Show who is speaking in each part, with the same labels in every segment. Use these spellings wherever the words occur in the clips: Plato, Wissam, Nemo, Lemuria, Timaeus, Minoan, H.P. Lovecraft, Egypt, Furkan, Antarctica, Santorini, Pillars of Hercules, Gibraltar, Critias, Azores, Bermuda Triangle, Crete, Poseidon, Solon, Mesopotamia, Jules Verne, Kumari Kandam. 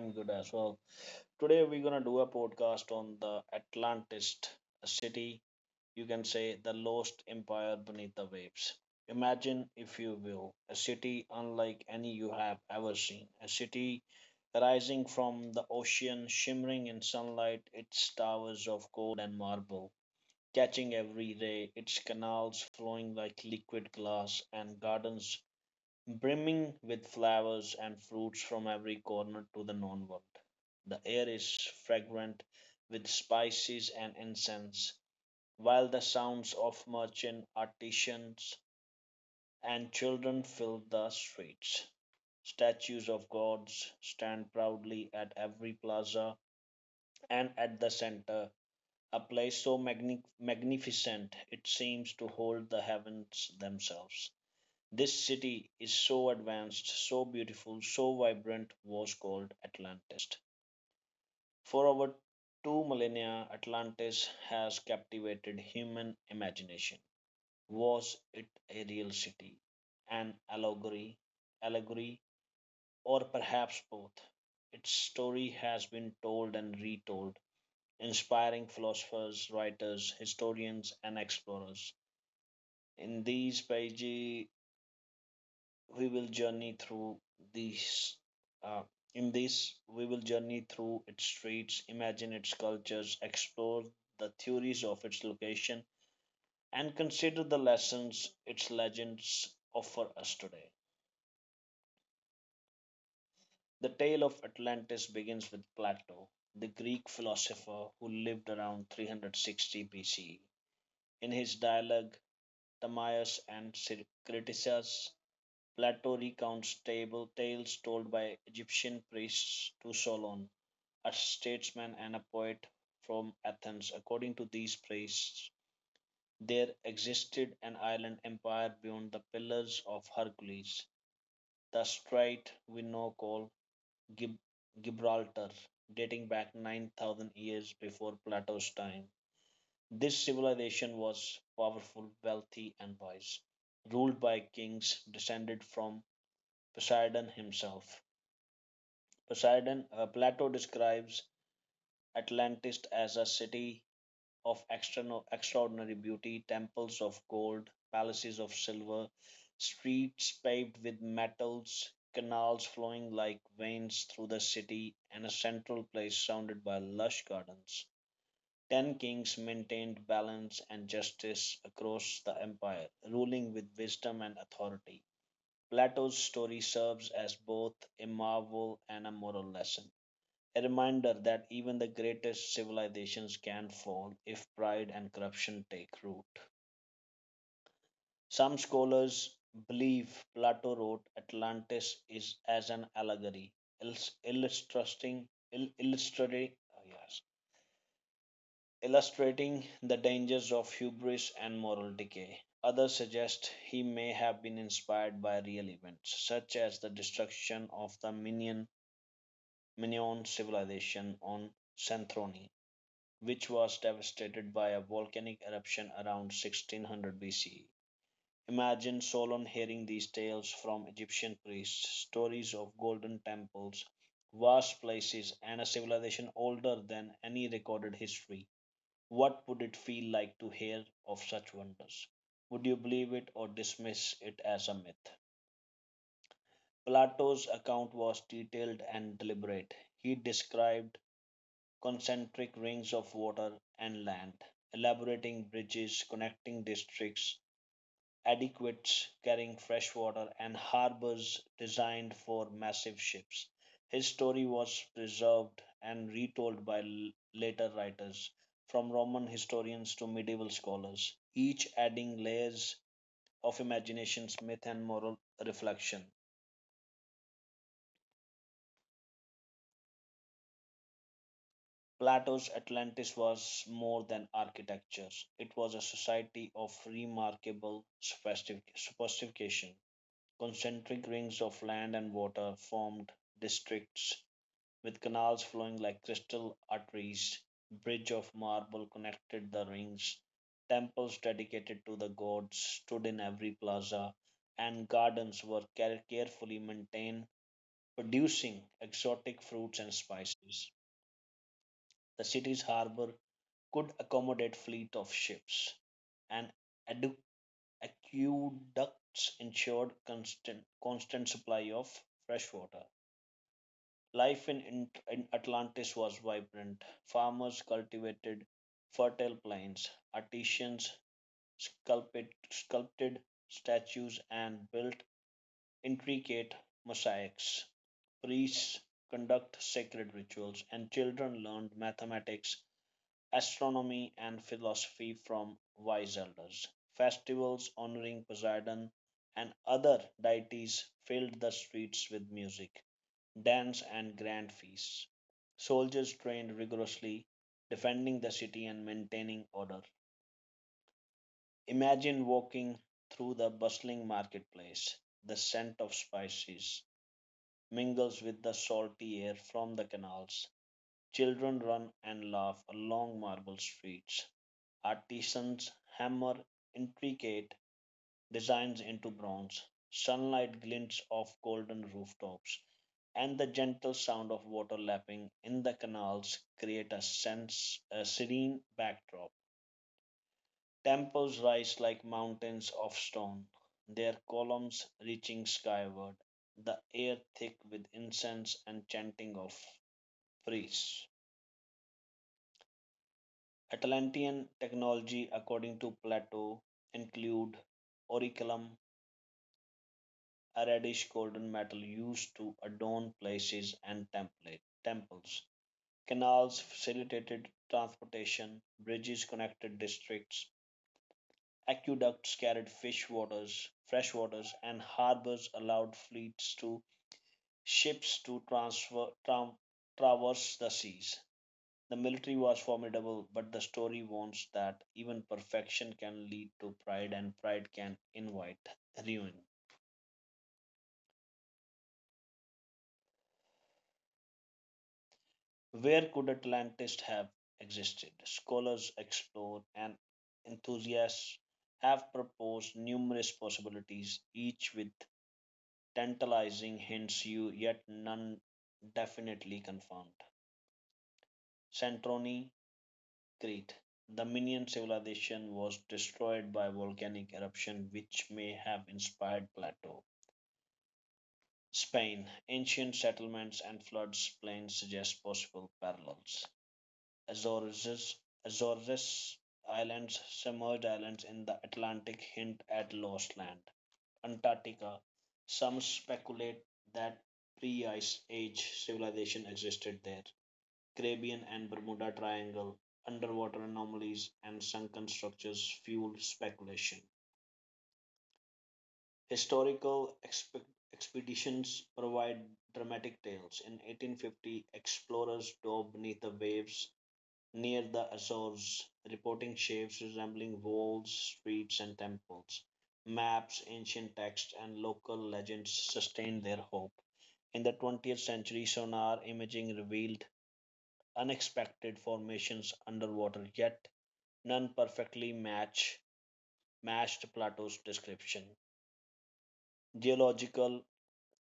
Speaker 1: I'm good as well. Today, we're gonna do a podcast on the Atlantist city, you can say the lost empire beneath the waves. Imagine, if you will, a city unlike any you have ever seen, a city rising from the ocean, shimmering in sunlight, its towers of gold and marble catching every ray, its canals flowing like liquid glass, and gardens brimming with flowers and fruits from every corner to the known world. The air is fragrant with spices and incense, while the sounds of merchant, artisans, and children fill the streets. Statues of gods stand proudly at every plaza, and at the center, a place so magnificent it seems to hold the heavens themselves. This city is so advanced, so beautiful, so vibrant, was called Atlantis. For over two millennia, Atlantis has captivated human imagination. Was it a real city, an allegory, or perhaps both? Its story has been told and retold, inspiring philosophers, writers, historians, and explorers. In these pages, we will journey through these. Uh, we will journey through its streets, imagine its cultures, explore the theories of its location, and consider the lessons its legends offer us today. The tale of Atlantis begins with Plato, the Greek philosopher who lived around 360 B.C. In his dialogue Timaeus and Critias, Plato recounts table tales told by Egyptian priests to Solon, a statesman and a poet from Athens. According to these priests, there existed an island empire beyond the Pillars of Hercules, the strait we now call Gib- Gibraltar, dating back 9,000 years before Plato's time. This civilization was powerful, wealthy, and wise, ruled by kings descended from Poseidon himself. Plato describes Atlantis as a city of extraordinary beauty, temples of gold, palaces of silver, streets paved with metals, canals flowing like veins through the city, and a central place surrounded by lush gardens. Ten kings maintained balance and justice across the empire, ruling with wisdom and authority. Plato's story serves as both a marvel and a moral lesson, a reminder that even the greatest civilizations can fall if pride and corruption take root. Some scholars believe Plato wrote Atlantis is as an allegory, illus- illustrating, ill, illustrating, oh yes, illustrating the dangers of hubris and moral decay. Others suggest he may have been inspired by real events, such as the destruction of the Minion civilization on Santorini, which was devastated by a volcanic eruption around 1600 BCE. Imagine Solon hearing these tales from Egyptian priests, stories of golden temples, vast places, and a civilization older than any recorded history. What would it feel like to hear of such wonders? Would you believe it or dismiss it as a myth? Plato's account was detailed and deliberate. He described concentric rings of water and land, elaborating bridges connecting districts, aqueducts carrying fresh water, and harbors designed for massive ships. His story was preserved and retold by later writers, from Roman historians to medieval scholars, each adding layers of imagination, myth, and moral reflection. Plato's Atlantis was more than architecture, it was a society of remarkable sophistication. Concentric rings of land and water formed districts with canals flowing like crystal arteries. Bridge of marble connected the rings. Temples dedicated to the gods stood in every plaza, and gardens were carefully maintained, producing exotic fruits and spices. The city's harbor could accommodate fleet of ships, and adu- aqueducts ensured constant supply of fresh water. Life in Atlantis was vibrant. Farmers cultivated fertile plains, artisans sculpted statues and built intricate mosaics, priests conduct sacred rituals, and children learned mathematics astronomy and philosophy from wise elders. Festivals honoring Poseidon and other deities filled the streets with music, dance, and grand feasts. Soldiers trained rigorously, defending the city and maintaining order. Imagine walking through the bustling marketplace. The scent of spices mingles with the salty air from the canals. Children run and laugh along marble streets. Artisans hammer intricate designs into bronze, sunlight glints off golden rooftops, and the gentle sound of water lapping in the canals create a sense a serene backdrop. Temples rise like mountains of stone, their columns reaching skyward, the air thick with incense and chanting of priests. Atlantean technology, according to Plato, include oraculum, a reddish golden metal used to adorn places and temples. Canals facilitated transportation, bridges connected districts, aqueducts carried fish waters, fresh waters, and harbors allowed fleets to ships to traverse the seas. The military was formidable, but the story warns that even perfection can lead to pride, and pride can invite ruin. Where could Atlantis have existed? Scholars explore and enthusiasts have proposed numerous possibilities, each with tantalizing hints you yet none definitely confirmed. Santorini, Crete. The Minoan civilization was destroyed by volcanic eruption, which may have inspired Plato. Spain. Ancient settlements and floods plains suggest possible parallels. Azores Azores Islands, submerged islands in the Atlantic hint at lost land. Antarctica. Some speculate that pre-ice age civilization existed there. Caribbean and Bermuda Triangle, underwater anomalies and sunken structures fuel speculation. Historical expeditions provide dramatic tales. In 1850, explorers dove beneath the waves near the Azores, reporting shapes resembling walls, streets, and temples. Maps, ancient texts, and local legends sustained their hope. In the 20th century, sonar imaging revealed unexpected formations underwater, yet none perfectly matched Plato's description. Geological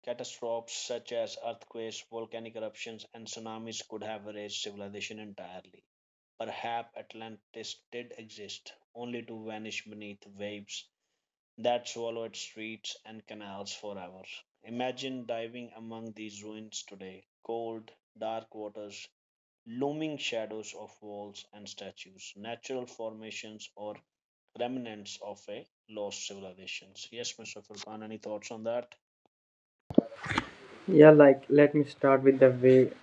Speaker 1: catastrophes such as earthquakes, volcanic eruptions, and tsunamis could have erased civilization entirely. Perhaps Atlantis did exist, only to vanish beneath waves that swallowed streets and canals forever. Imagine diving among these ruins today, cold, dark waters, looming shadows of walls and statues, natural formations, or remnants of a lost civilizations. Yes, Mr. Furkan, any thoughts on that?
Speaker 2: Yeah, like let me start with the way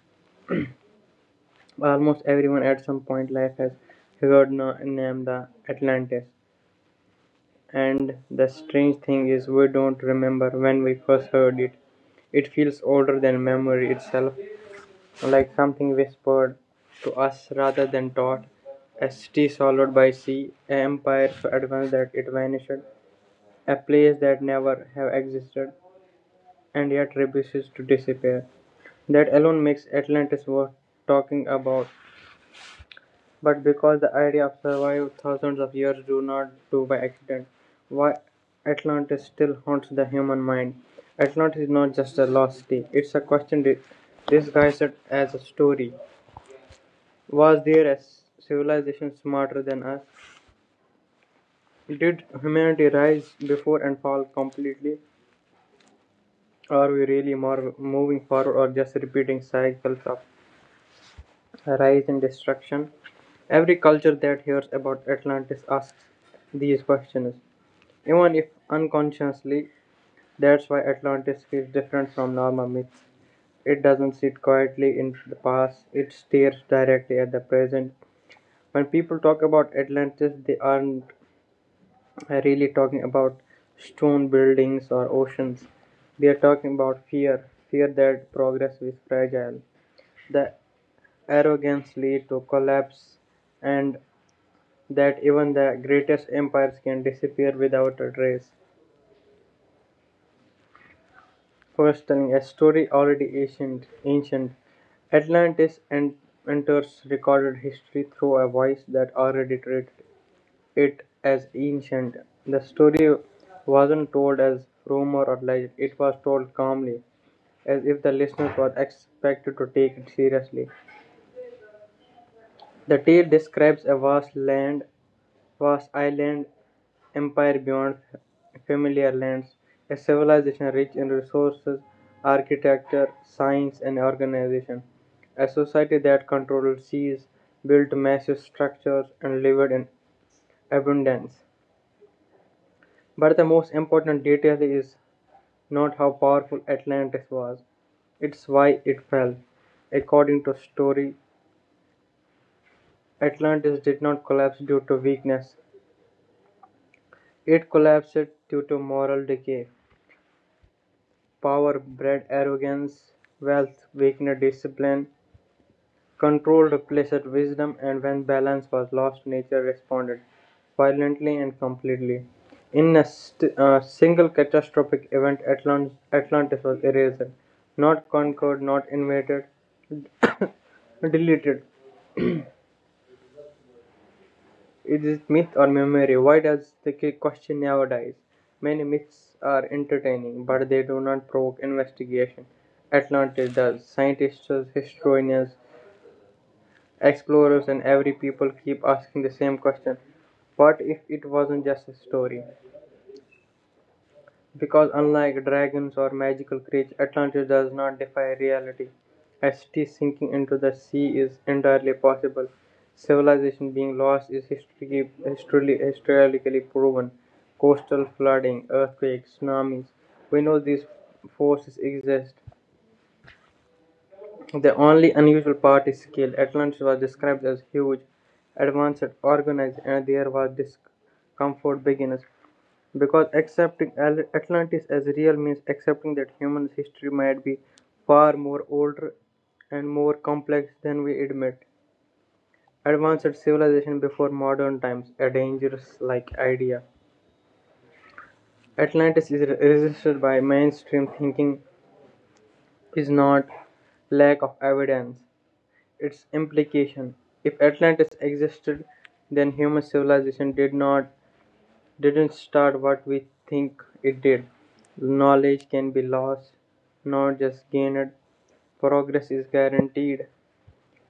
Speaker 2: almost everyone at some point life has heard the name the Atlantis. And the strange thing is we don't remember when we first heard it. It feels older than memory itself, like something whispered to us rather than taught. A city swallowed by sea, an empire so advanced that it vanished, a place that never have existed and yet refuses to disappear. That alone makes Atlantis worth talking about. But because the idea of survived thousands of years do not do by accident, why Atlantis still haunts the human mind. Atlantis is not just a lost city; it's a question disguised as a story. Was there a civilization smarter than us? Did humanity rise before and fall completely? Are we really more moving forward or just repeating cycles of rise and destruction. Every culture that hears about Atlantis asks these questions, even if unconsciously. That's why Atlantis feels different from normal myths. It doesn't sit quietly in the past, it stares directly at the present. When people talk about Atlantis, they aren't really talking about stone buildings or oceans. They are talking about fear, fear that progress is fragile, that arrogance leads to collapse, and that even the greatest empires can disappear without a trace. First, telling a story already ancient, ancient. Atlantis enters recorded history through a voice that already treated it as ancient. The story wasn't told as rumor or legend; it was told calmly, as if the listeners were expected to take it seriously. The tale describes a vast land, vast island, empire beyond familiar lands, a civilization rich in resources, architecture, science, and organization, a society that controlled seas, built massive structures, and lived in abundance. But the most important detail is not how powerful Atlantis was, it's why it fell. According to story, Atlantis did not collapse due to weakness. It collapsed due to moral decay. Power bred arrogance, wealth weakened discipline, control replaced wisdom, and when balance was lost, nature responded violently and completely. In a single catastrophic event, Atlantis was erased, not conquered, not invaded, deleted. Is it myth or memory? Why does the question never dies? Many myths are entertaining, but they do not provoke investigation. Atlantis does. Scientists, historians, explorers, and every people keep asking the same question. What if it wasn't just a story? Because unlike dragons or magical creatures, Atlantis does not defy reality. As city sinking into the sea is entirely possible. Civilization being lost is historically proven. Coastal flooding, earthquakes, tsunamis. We know these forces exist. The only unusual part is scale. Atlantis was described as huge, advanced, organized, and there was discomfort beginners. Because accepting Atlantis as real means accepting that human history might be far more older and more complex than we admit. Advanced civilization before modern times, a dangerous like idea. Atlantis is resisted by mainstream thinking is not lack of evidence, its implication. If Atlantis existed, then human civilization did not didn't start what we think it did. Knowledge can be lost, not just gained. Progress is guaranteed.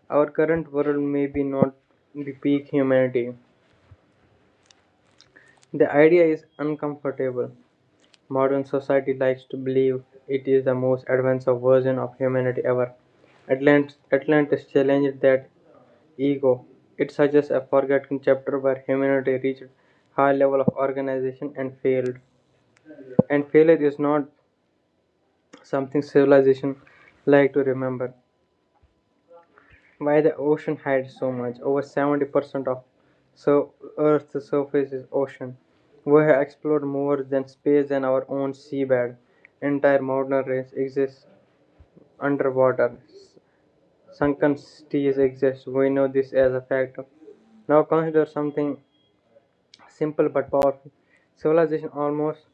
Speaker 2: Our current world may be not the peak humanity. The idea is uncomfortable. Modern society likes to believe it is the most advanced version of humanity ever. Atlantis challenged that ego. It suggests a forgotten chapter where humanity reached high level of organization and failed. And failure is not something civilization like to remember. Why the ocean hides so much? Over 70% of so Earth's surface is ocean. We have explored more than space than our own seabed. Entire modern race exists underwater. Sunken cities exist. We know this as a fact. Now consider something simple but powerful. Civilization almost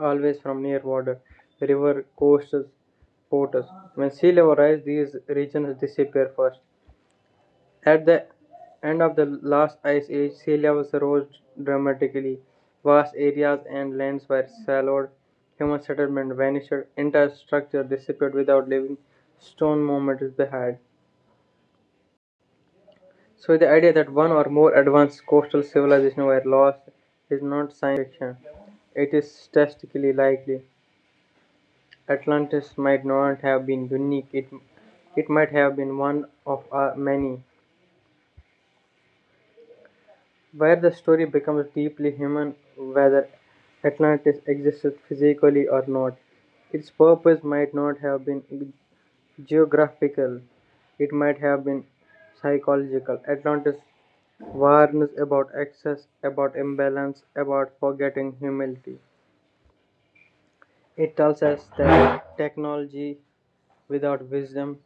Speaker 2: always from near water, river, coasts, ports. When sea level rises, these regions disappear first. At the end of the last ice age, sea levels rose dramatically. Vast areas and lands were swallowed. Human settlement vanished. Entire structure disappeared without leaving stone monuments behind. So the idea that one or more advanced coastal civilizations were lost is not science fiction. It is statistically likely. Atlantis might not have been unique, it might have been one of many, where the story becomes deeply human whether Atlantis existed physically or not. Its purpose might not have been geographical, it might have been psychological. Atlantis warns about excess, about imbalance, about forgetting humility. It tells us that technology without wisdom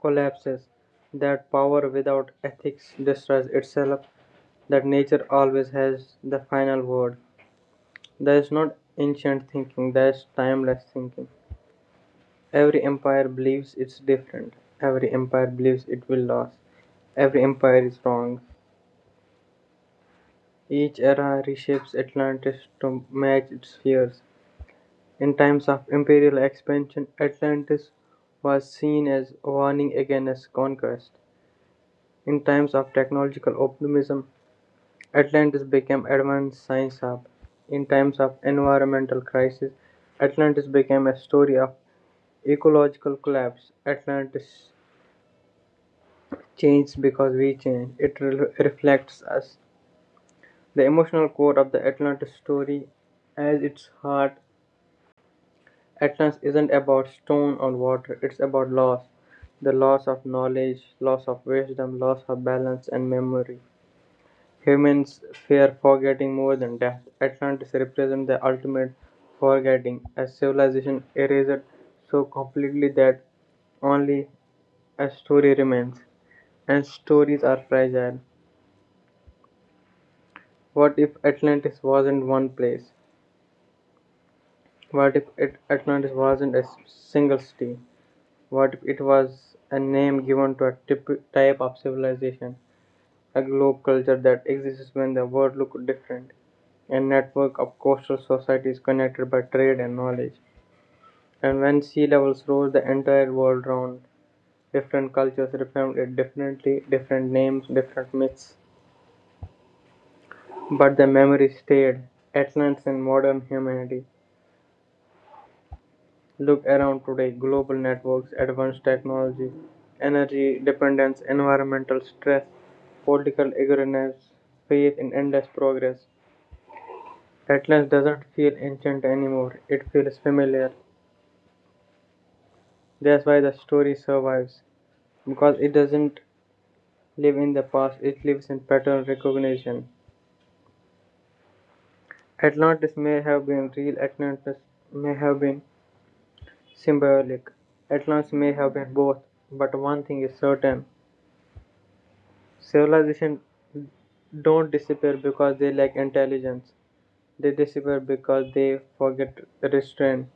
Speaker 2: collapses, that power without ethics destroys itself, that nature always has the final word. That is not ancient thinking, that is timeless thinking. Every empire believes it's different, every empire believes it will last, every empire is wrong. Each era reshapes Atlantis to match its fears. In times of imperial expansion, Atlantis was seen as a warning against conquest. In times of technological optimism, Atlantis became Advanced Science Hub. In times of environmental crisis, Atlantis became a story of ecological collapse. Atlantis changed because we changed. It reflects us. The emotional core of the Atlantis story, as its heart, Atlantis isn't about stone or water. It's about loss, the loss of knowledge, loss of wisdom, loss of balance and memory. Humans fear forgetting more than death. Atlantis represents the ultimate forgetting, a civilization erased so completely that only a story remains. And stories are fragile. What if Atlantis wasn't one place? What if it, Atlantis wasn't a single city? What if it was a name given to a type of civilization? A globe culture that exists when the world looked different, a network of coastal societies connected by trade and knowledge. And when sea levels rose, the entire world round different cultures reformed it differently, different names, different myths. But the memory stayed. Atlantis and modern humanity. Look around today global networks, advanced technology, energy dependence, environmental stress, political ignorance, faith in endless progress. Atlantis doesn't feel ancient anymore, it feels familiar. That's why the story survives, because it doesn't live in the past, it lives in pattern recognition. Atlantis may have been real, Atlantis may have been symbolic, Atlantis may have been both, but one thing is certain civilizations don't disappear because they lack intelligence. They disappear because they forget restraint.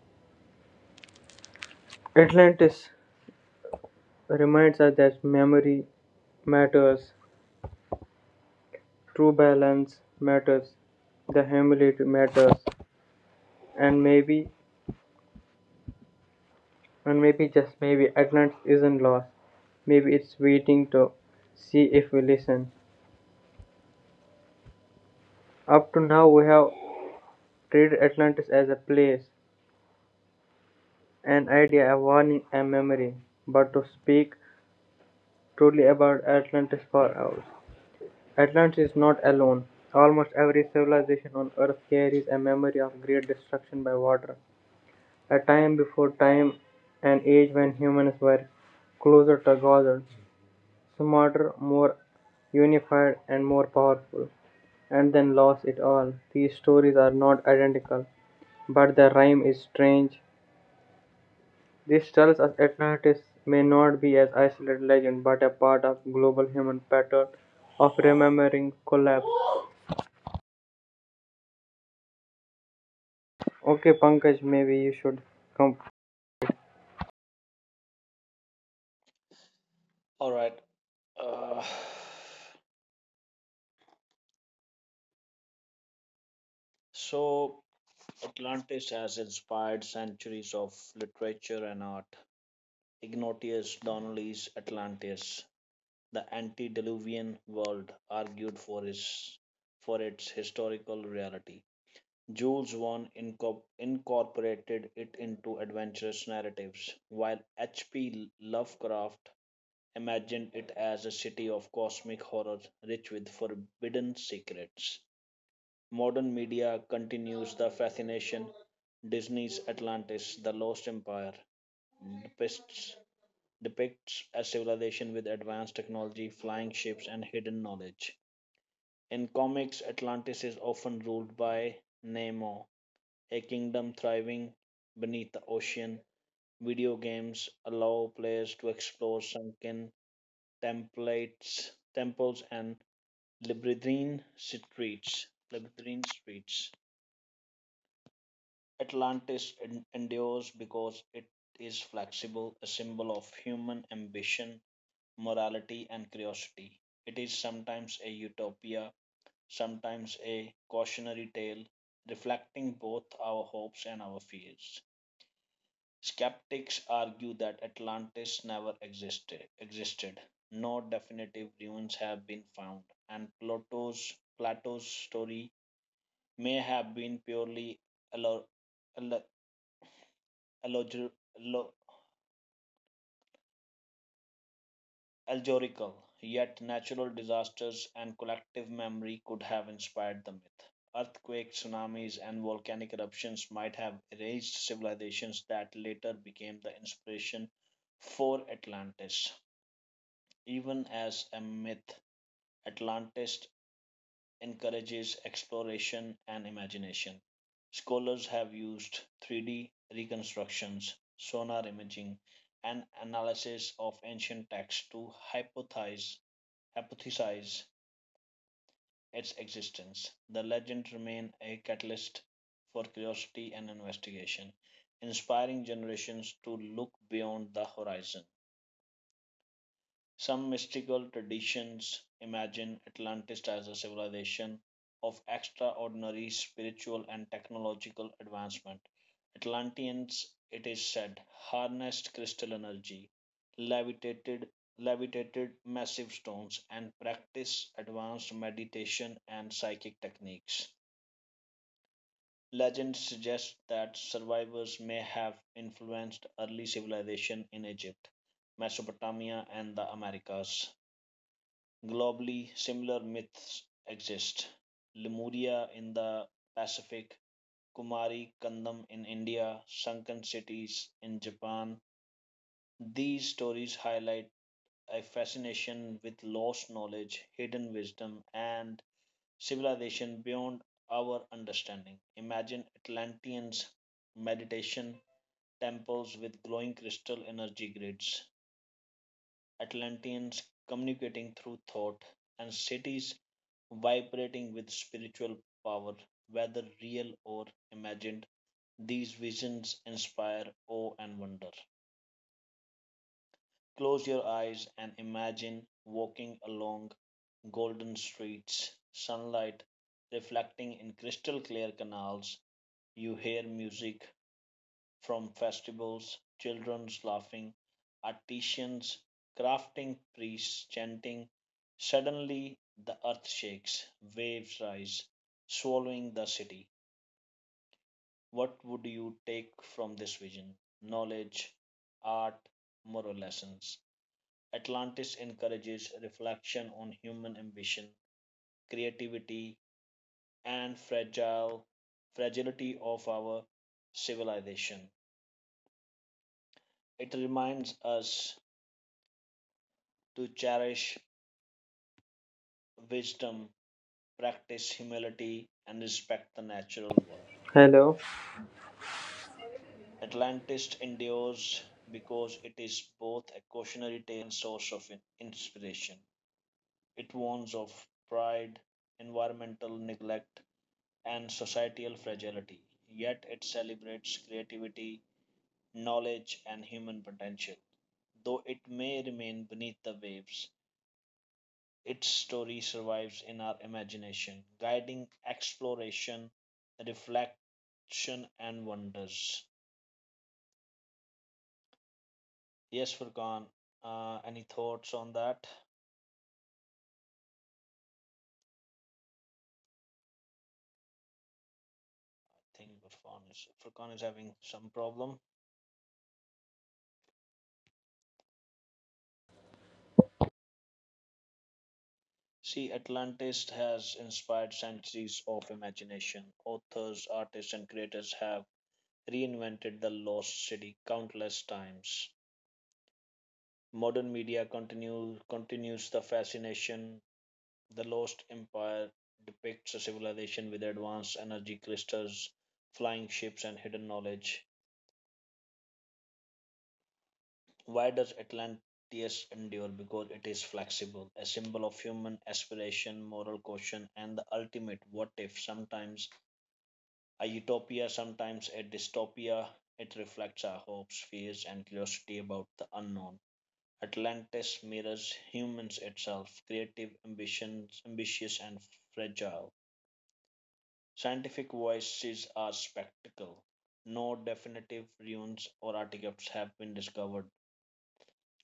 Speaker 2: Atlantis reminds us that memory matters. True balance matters, the humility matters, and maybe, and maybe just maybe, Atlantis isn't lost. Maybe it's waiting to see if we listen. Up to now, we have treated Atlantis as a place, an idea, a warning, a memory. But to speak truly about Atlantis for us, Atlantis is not alone. Almost every civilization on Earth carries a memory of great destruction by water a time before time, an age when humans were closer to together, smarter, more unified, and more powerful, and then lost it all. These stories are not identical, but the rhyme is strange. This tells us Atlantis may not be an isolated legend, but a part of global human pattern of remembering collapse. Okay, Pankaj, maybe you should come.
Speaker 1: All right. Uh, so, Atlantis has inspired centuries of literature and art. Ignatius Donnelly's Atlantis, the antediluvian world, argued for for its historical reality. Jules Verne incorporated it into adventurous narratives, while H.P. Lovecraft imagined it as a city of cosmic horror rich with forbidden secrets. Modern media continues the fascination. Disney's Atlantis, The Lost Empire, depicts, depicts a civilization with advanced technology, flying ships, and hidden knowledge. In comics, Atlantis is often ruled by Nemo, a kingdom thriving beneath the ocean. Video games allow players to explore sunken templates, temples and labyrinthine streets. Labyrinthine streets. Atlantis endures because it is flexible, a symbol of human ambition, morality, and curiosity. It is sometimes a utopia, sometimes a cautionary tale, reflecting both our hopes and our fears. Skeptics argue that Atlantis never existed. No definitive ruins have been found, and Plato's story may have been purely allegorical allegorical, yet natural disasters and collective memory could have inspired the myth. Earthquakes, tsunamis, and volcanic eruptions might have erased civilizations that later became the inspiration for Atlantis. Even as a myth, Atlantis encourages exploration and imagination. Scholars have used 3D reconstructions, sonar imaging, and analysis of ancient texts to hypothesize its existence, the legend remained a catalyst for curiosity and investigation, inspiring generations to look beyond the horizon. Some mystical traditions imagine Atlantis as a civilization of extraordinary spiritual and technological advancement. Atlanteans, it is said, harnessed crystal energy, levitated, levitated massive stones, and practiced advanced meditation and psychic techniques. Legends suggest that survivors may have influenced early civilization in Egypt, Mesopotamia, and the Americas. Globally, similar myths exist. Lemuria in the Pacific, Kumari Kandam in India, sunken cities in Japan. These stories highlight a fascination with lost knowledge, hidden wisdom, and civilization beyond our understanding. Imagine Atlanteans' meditation temples with glowing crystal energy grids, Atlanteans communicating through thought, and cities vibrating with spiritual power, whether real or imagined. These visions inspire awe and wonder. Close your eyes and imagine walking along golden streets, sunlight reflecting in crystal clear canals. You hear music from festivals, children's laughing, artisans crafting, priests chanting. Suddenly the earth shakes, waves rise, swallowing the city. What would you take from this vision? Knowledge, art, moral lessons. Atlantis encourages reflection on human ambition, creativity, and fragile fragility of our civilization. It reminds us to cherish wisdom, practice humility, and respect the natural world.
Speaker 2: Hello.
Speaker 1: Atlantis endures because it is both a cautionary and source of inspiration. It warns of pride, environmental neglect, and societal fragility, yet it celebrates creativity, knowledge, and human potential. Though it may remain beneath the waves, its story survives in our imagination, guiding exploration, reflection, and wonders. Yes, Furkan, any thoughts on that? I think Furkan is having some problem. See, Atlantis has inspired centuries of imagination. Authors, artists, and creators have reinvented the lost city countless times. Modern media continues the fascination. The Lost Empire depicts a civilization with advanced energy crystals, flying ships, and hidden knowledge. Why does Atlantis endure? Because it is flexible, a symbol of human aspiration, moral caution, and the ultimate what if. Sometimes a utopia, sometimes a dystopia. It reflects our hopes, fears, and curiosity about the unknown. Atlantis mirrors humans itself, creative, ambitious, and fragile. Scientific voices are spectacle. No definitive ruins or artifacts have been discovered.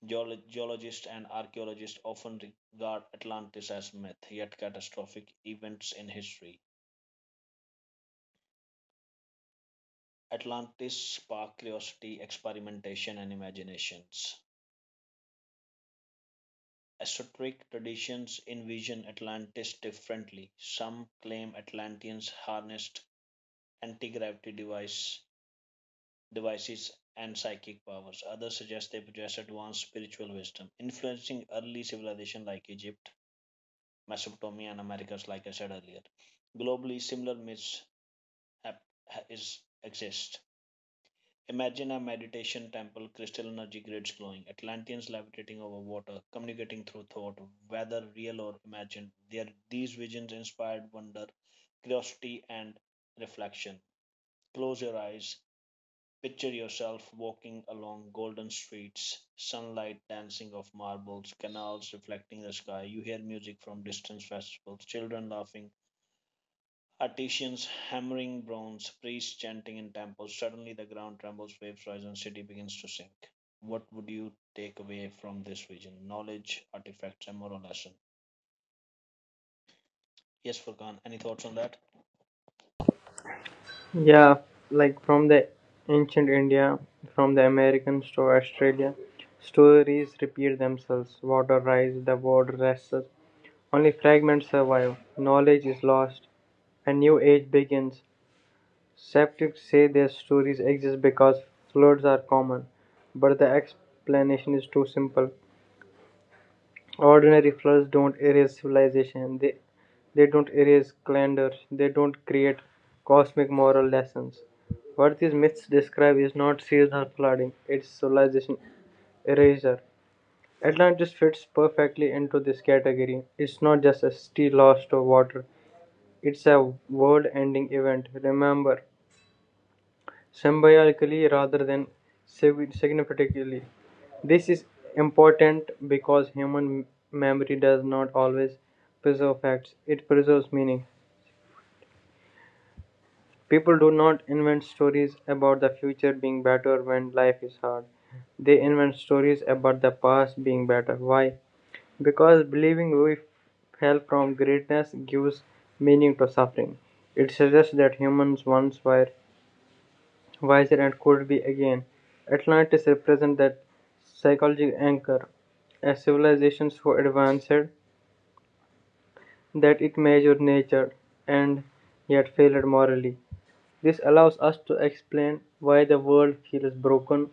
Speaker 1: Geologists and archaeologists often regard Atlantis as myth, yet catastrophic events in history. Atlantis spark curiosity, experimentation, and imaginations. Esoteric traditions envision Atlantis differently. Some claim Atlanteans harnessed anti-gravity devices, and psychic powers. Others suggest they possess advanced spiritual wisdom, influencing early civilizations like Egypt, Mesopotamia, and Americas, like I said earlier. Globally, similar myths hap- exist. Imagine a meditation temple, crystal energy grids glowing, Atlanteans levitating over water, communicating through thought, whether real or imagined. These visions inspired wonder, curiosity, and reflection. Close your eyes, picture yourself walking along golden streets, sunlight dancing off marbles, canals reflecting the sky. You hear music from distant festivals, children laughing, artisans hammering bronze, priests chanting in temples. Suddenly, the ground trembles, waves rise, and city begins to sink. What would you take away from this vision? Knowledge, artifacts, and moral lesson? Yes, Furkan, any thoughts on that?
Speaker 2: Yeah, like from the ancient India, from the Americans to Australia, stories repeat themselves. Water rises, the world rests. Only fragments survive. Knowledge is lost. A new age begins. Skeptics say their stories exist because floods are common, but the explanation is too simple. Ordinary floods don't erase civilization. They don't erase calendar. They don't create cosmic moral lessons. What these myths describe is not seasonal flooding, it's civilization eraser. Atlantis fits perfectly into this category. It's not just a city lost to water, it's a world ending event. Remember, symbiotically rather than significantly. This is important because human memory does not always preserve facts, it preserves meaning. People do not invent stories about the future being better when life is hard. They invent stories about the past being better. Why? Because believing we fell from greatness gives meaning to suffering. It suggests that humans once were wiser and could be again. Atlantis represents that psychological anchor, as civilization so advanced that it measured nature and yet failed morally. This allows us to explain why the world feels broken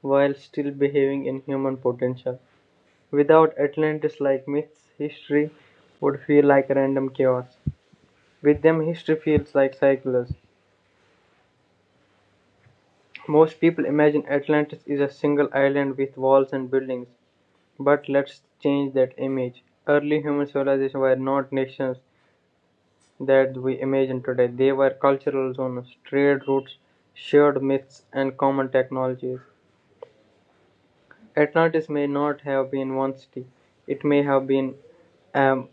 Speaker 2: while still behaving in human potential. Without Atlantis like myths, history would feel like random chaos. With them, history feels like cycles. Most people imagine Atlantis is a single island with walls and buildings, but let's change that image. Early human civilizations were not nations that we imagine today. They were cultural zones, trade routes, shared myths, and common technologies. Atlantis may not have been one city, it may have been a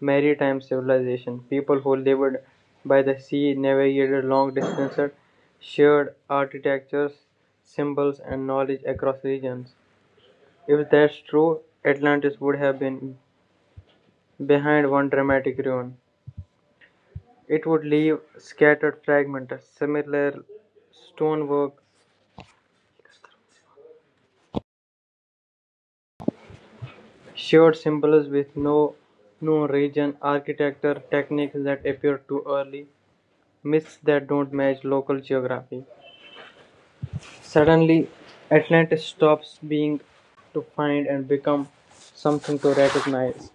Speaker 2: maritime civilization. People who lived by the sea navigated long distances, shared architectures, symbols, and knowledge across regions. If that's true, Atlantis would have been behind one dramatic ruin. It would leave scattered fragments, similar stonework, shared symbols with no known region, architecture, techniques that appear too early, myths that don't match local geography. Suddenly, Atlantis stops being to find and become something to recognize.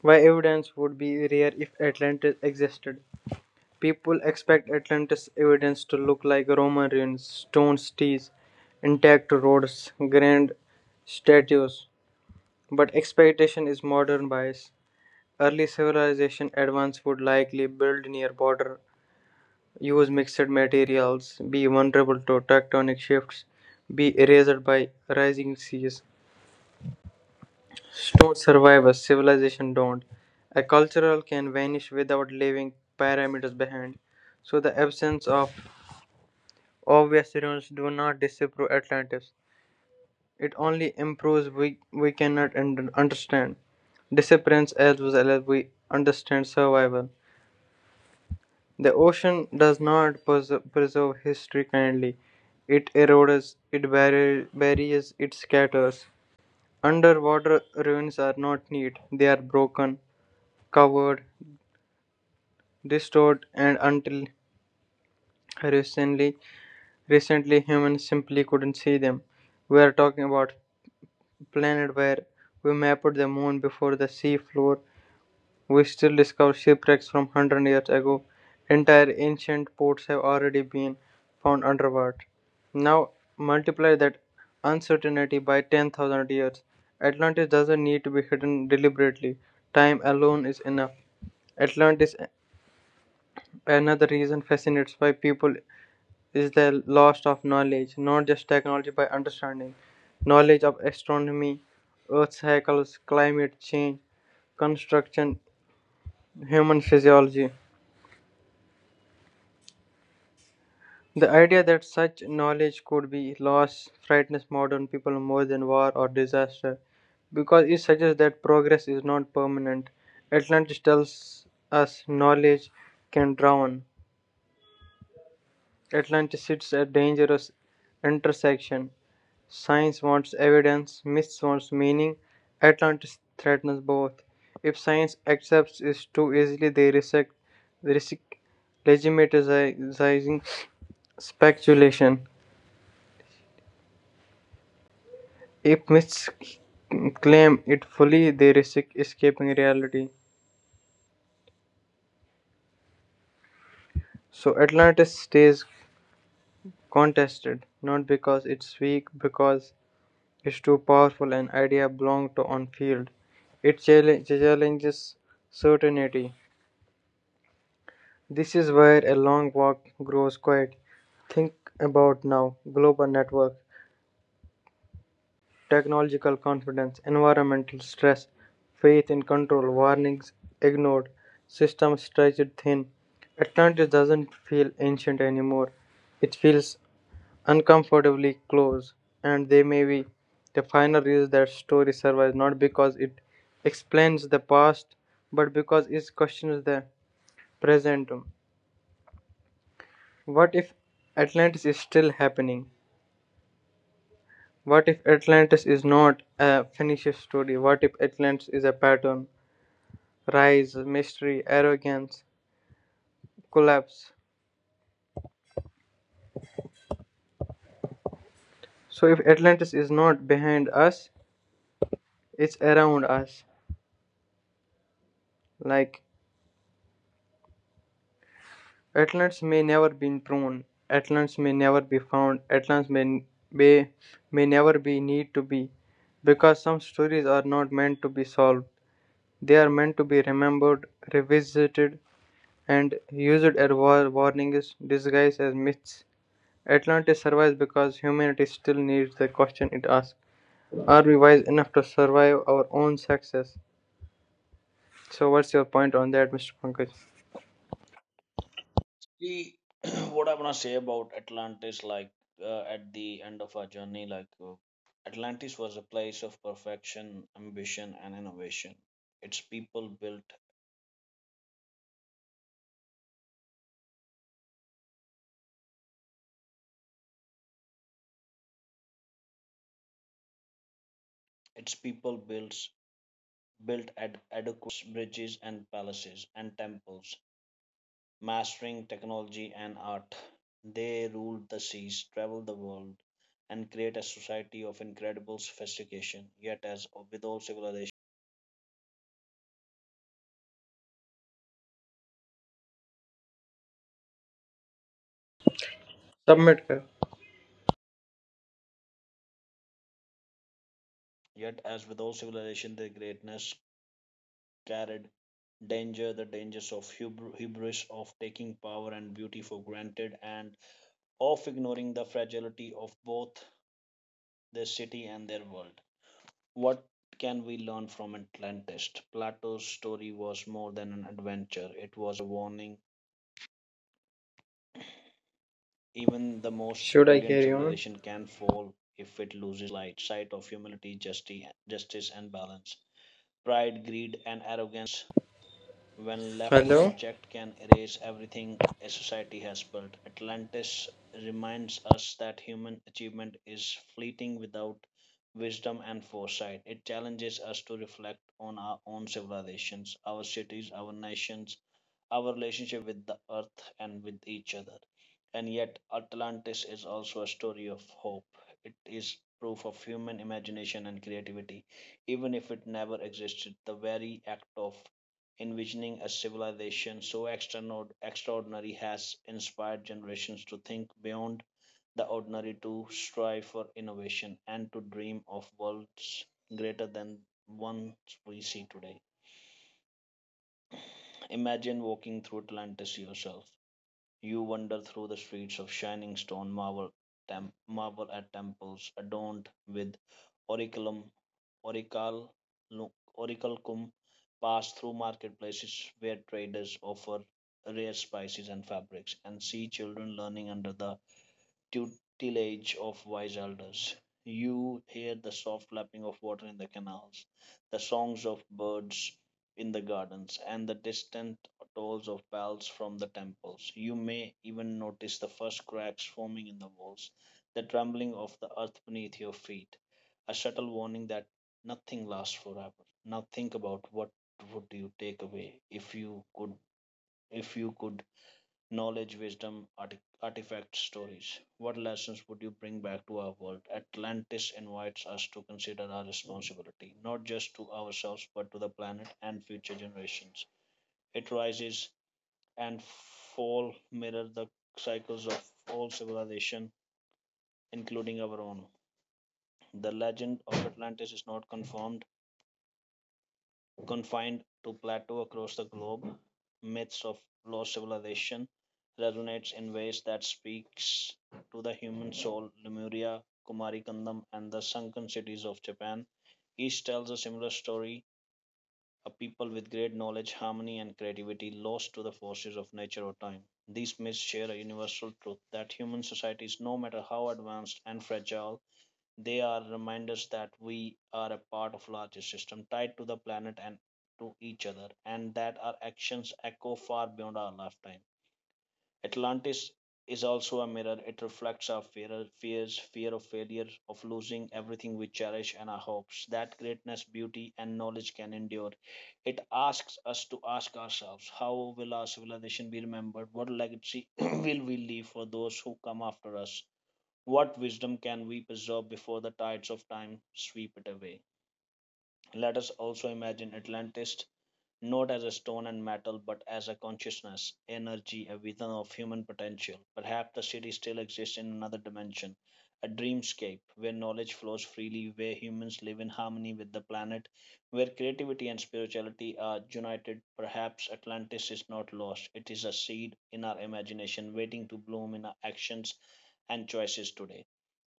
Speaker 2: Why evidence would be rare if Atlantis existed. People expect Atlantis evidence to look like Roman ruins, stone cities, intact roads, grand statues, but expectation is modern bias. Early civilization advance would likely build near border, use mixed materials, be vulnerable to tectonic shifts, be erased by rising seas. Stone survivors, civilization don't. A cultural can vanish without leaving pyramids behind. So the absence of Obviously, do not disapprove Atlantis. It only improves we cannot understand. Disappearance as well as we understand survival. The ocean does not preserve history kindly. It erodes, it buries, it scatters. Underwater ruins are not neat, they are broken, covered, distorted, and until recently, recently humans simply couldn't see them. We are talking about planet where we mapped the moon before the sea floor. We still discover shipwrecks from 100 years ago. Entire ancient ports have already been found underwater. Now multiply that uncertainty by 10,000 years. Atlantis doesn't need to be hidden deliberately. Time alone is enough. Atlantis, another reason, fascinates why people is the loss of knowledge, not just technology by understanding, knowledge of astronomy, earth cycles, climate change, construction, human physiology. The idea that such knowledge could be lost frightens modern people more than war or disaster because it suggests that progress is not permanent. Atlantis tells us knowledge can drown. Atlantis sits at dangerous intersection Science wants evidence, myth wants meaning. Atlantis threatens both. If science accepts it too easily, they risk legitimizing speculation. If myths claim it fully, they risk escaping reality. So Atlantis stays contested, not because it's weak, because it's too powerful an idea belong to on field. It challenges certainty. This is where a long walk grows quiet. Think about now global network, technological confidence, environmental stress, faith in control, warnings ignored, system stretched thin. Atlantis doesn't feel ancient anymore. It feels uncomfortably close, and they may be the final reason that story survives not because it explains the past, but because it questions the present. What if Atlantis is still happening? What if Atlantis is not a finished story? What if Atlantis is a pattern? Rise, mystery, arrogance, collapse. So, if Atlantis is not behind us, it's around us. Like, Atlantis may never be prone, Atlantis may never be found, Atlantis may, may never be need to be. Because some stories are not meant to be solved, they are meant to be remembered, revisited, and used as warnings disguised as myths. Atlantis survives because humanity still needs the question it asks. Are we wise enough to survive our own success? So what's your point on that, Mr. Pankaj?
Speaker 1: See, what I want to say about Atlantis, at the end of our journey, Atlantis was a place of perfection, ambition, and innovation. Its people built Its people built adequate bridges and palaces and temples, mastering technology and art. They ruled the seas, traveled the world, and create a society of incredible sophistication, yet as with all civilizations.
Speaker 2: Submit. Kar.
Speaker 1: Yet, as with all civilization, their greatness carried danger the dangers of hubris, of taking power and beauty for granted, and of ignoring the fragility of both their city and their world. What can we learn from Atlantis? Plato's story was more than an adventure, it was a warning. Even the most
Speaker 2: Should I
Speaker 1: brilliant
Speaker 2: carry on?
Speaker 1: civilization can fall if it loses sight of humility, justice, and balance. Pride, greed, and arrogance, when left
Speaker 2: Hello?
Speaker 1: unchecked, can erase everything a society has built. Atlantis reminds us that human achievement is fleeting without wisdom and foresight. It challenges us to reflect on our own civilizations, our cities, our nations, our relationship with the earth and with each other. And yet, Atlantis is also a story of hope. It is proof of human imagination and creativity. Even if it never existed, the very act of envisioning a civilization so extraordinary has inspired generations to think beyond the ordinary, to strive for innovation, and to dream of worlds greater than ones we see today. Imagine walking through Atlantis yourself. You wander through the streets of shining stone, marvel at temples adorned with oraculum Oracle, Oracle Kum, pass through marketplaces where traders offer rare spices and fabrics, and see children learning under the tutelage of wise elders. You hear the soft lapping of water in the canals, the songs of birds in the gardens, and the distant tolls of bells from the temples. You may even notice the first cracks forming in the walls, the trembling of the earth beneath your feet, a subtle warning that nothing lasts forever. Now think about what would you take away if you could knowledge, wisdom, artifacts, stories. What lessons would you bring back to our world? Atlantis invites us to consider our responsibility, not just to ourselves, but to the planet and future generations. It rises and fall mirror the cycles of all civilization, including our own. The legend of Atlantis is not confirmed confined to plateau. Across the globe, myths of lost civilization resonates in ways that speaks to the human soul. Lemuria, Kumarikandam, and the sunken cities of Japan each tells a similar story, a people with great knowledge, harmony, and creativity lost to the forces of nature or time. These myths share a universal truth that human societies, no matter how advanced and fragile they are reminders that we are a part of larger system tied to the planet and to each other, and that our actions echo far beyond our lifetime. Atlantis is also a mirror. It reflects our fear of failure, of losing everything we cherish, and our hopes that greatness, beauty, and knowledge can endure. It asks us to ask ourselves, how will our civilization be remembered? What legacy will we leave for those who come after us? What wisdom can we preserve before the tides of time sweep it away? Let us also imagine Atlantis not as a stone and metal, but as a consciousness, energy, a vision of human potential. Perhaps the city still exists in another dimension, a dreamscape where knowledge flows freely, where humans live in harmony with the planet, where creativity and spirituality are united. Perhaps Atlantis is not lost, it is a seed in our imagination waiting to bloom in our actions and choices today.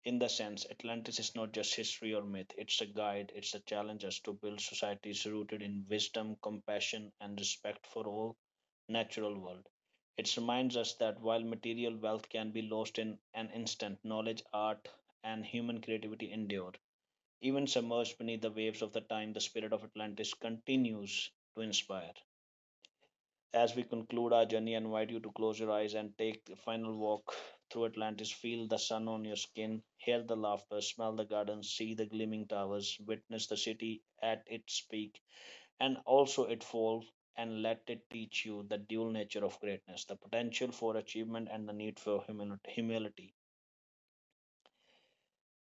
Speaker 1: In the sense, Atlantis is not just history or myth, it's a guide, it's a challenge us to build societies rooted in wisdom, compassion, and respect for all natural world. It reminds us that while material wealth can be lost in an instant, knowledge, art, and human creativity endure. Even submerged beneath the waves of the time, the spirit of Atlantis continues to inspire. As we conclude our journey, I invite you to close your eyes and take the final walk through Atlantis. Feel the sun on your skin, hear the laughter, smell the gardens, see the gleaming towers, witness the city at its peak and also its fall, and let it teach you the dual nature of greatness, the potential for achievement and the need for humility.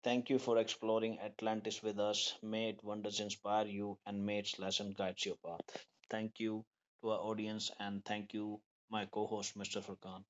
Speaker 1: Thank you for exploring Atlantis with us. May it wonders inspire you and may its lesson guides your path. Thank you to our audience and thank you, my co host, Mr. Furkan.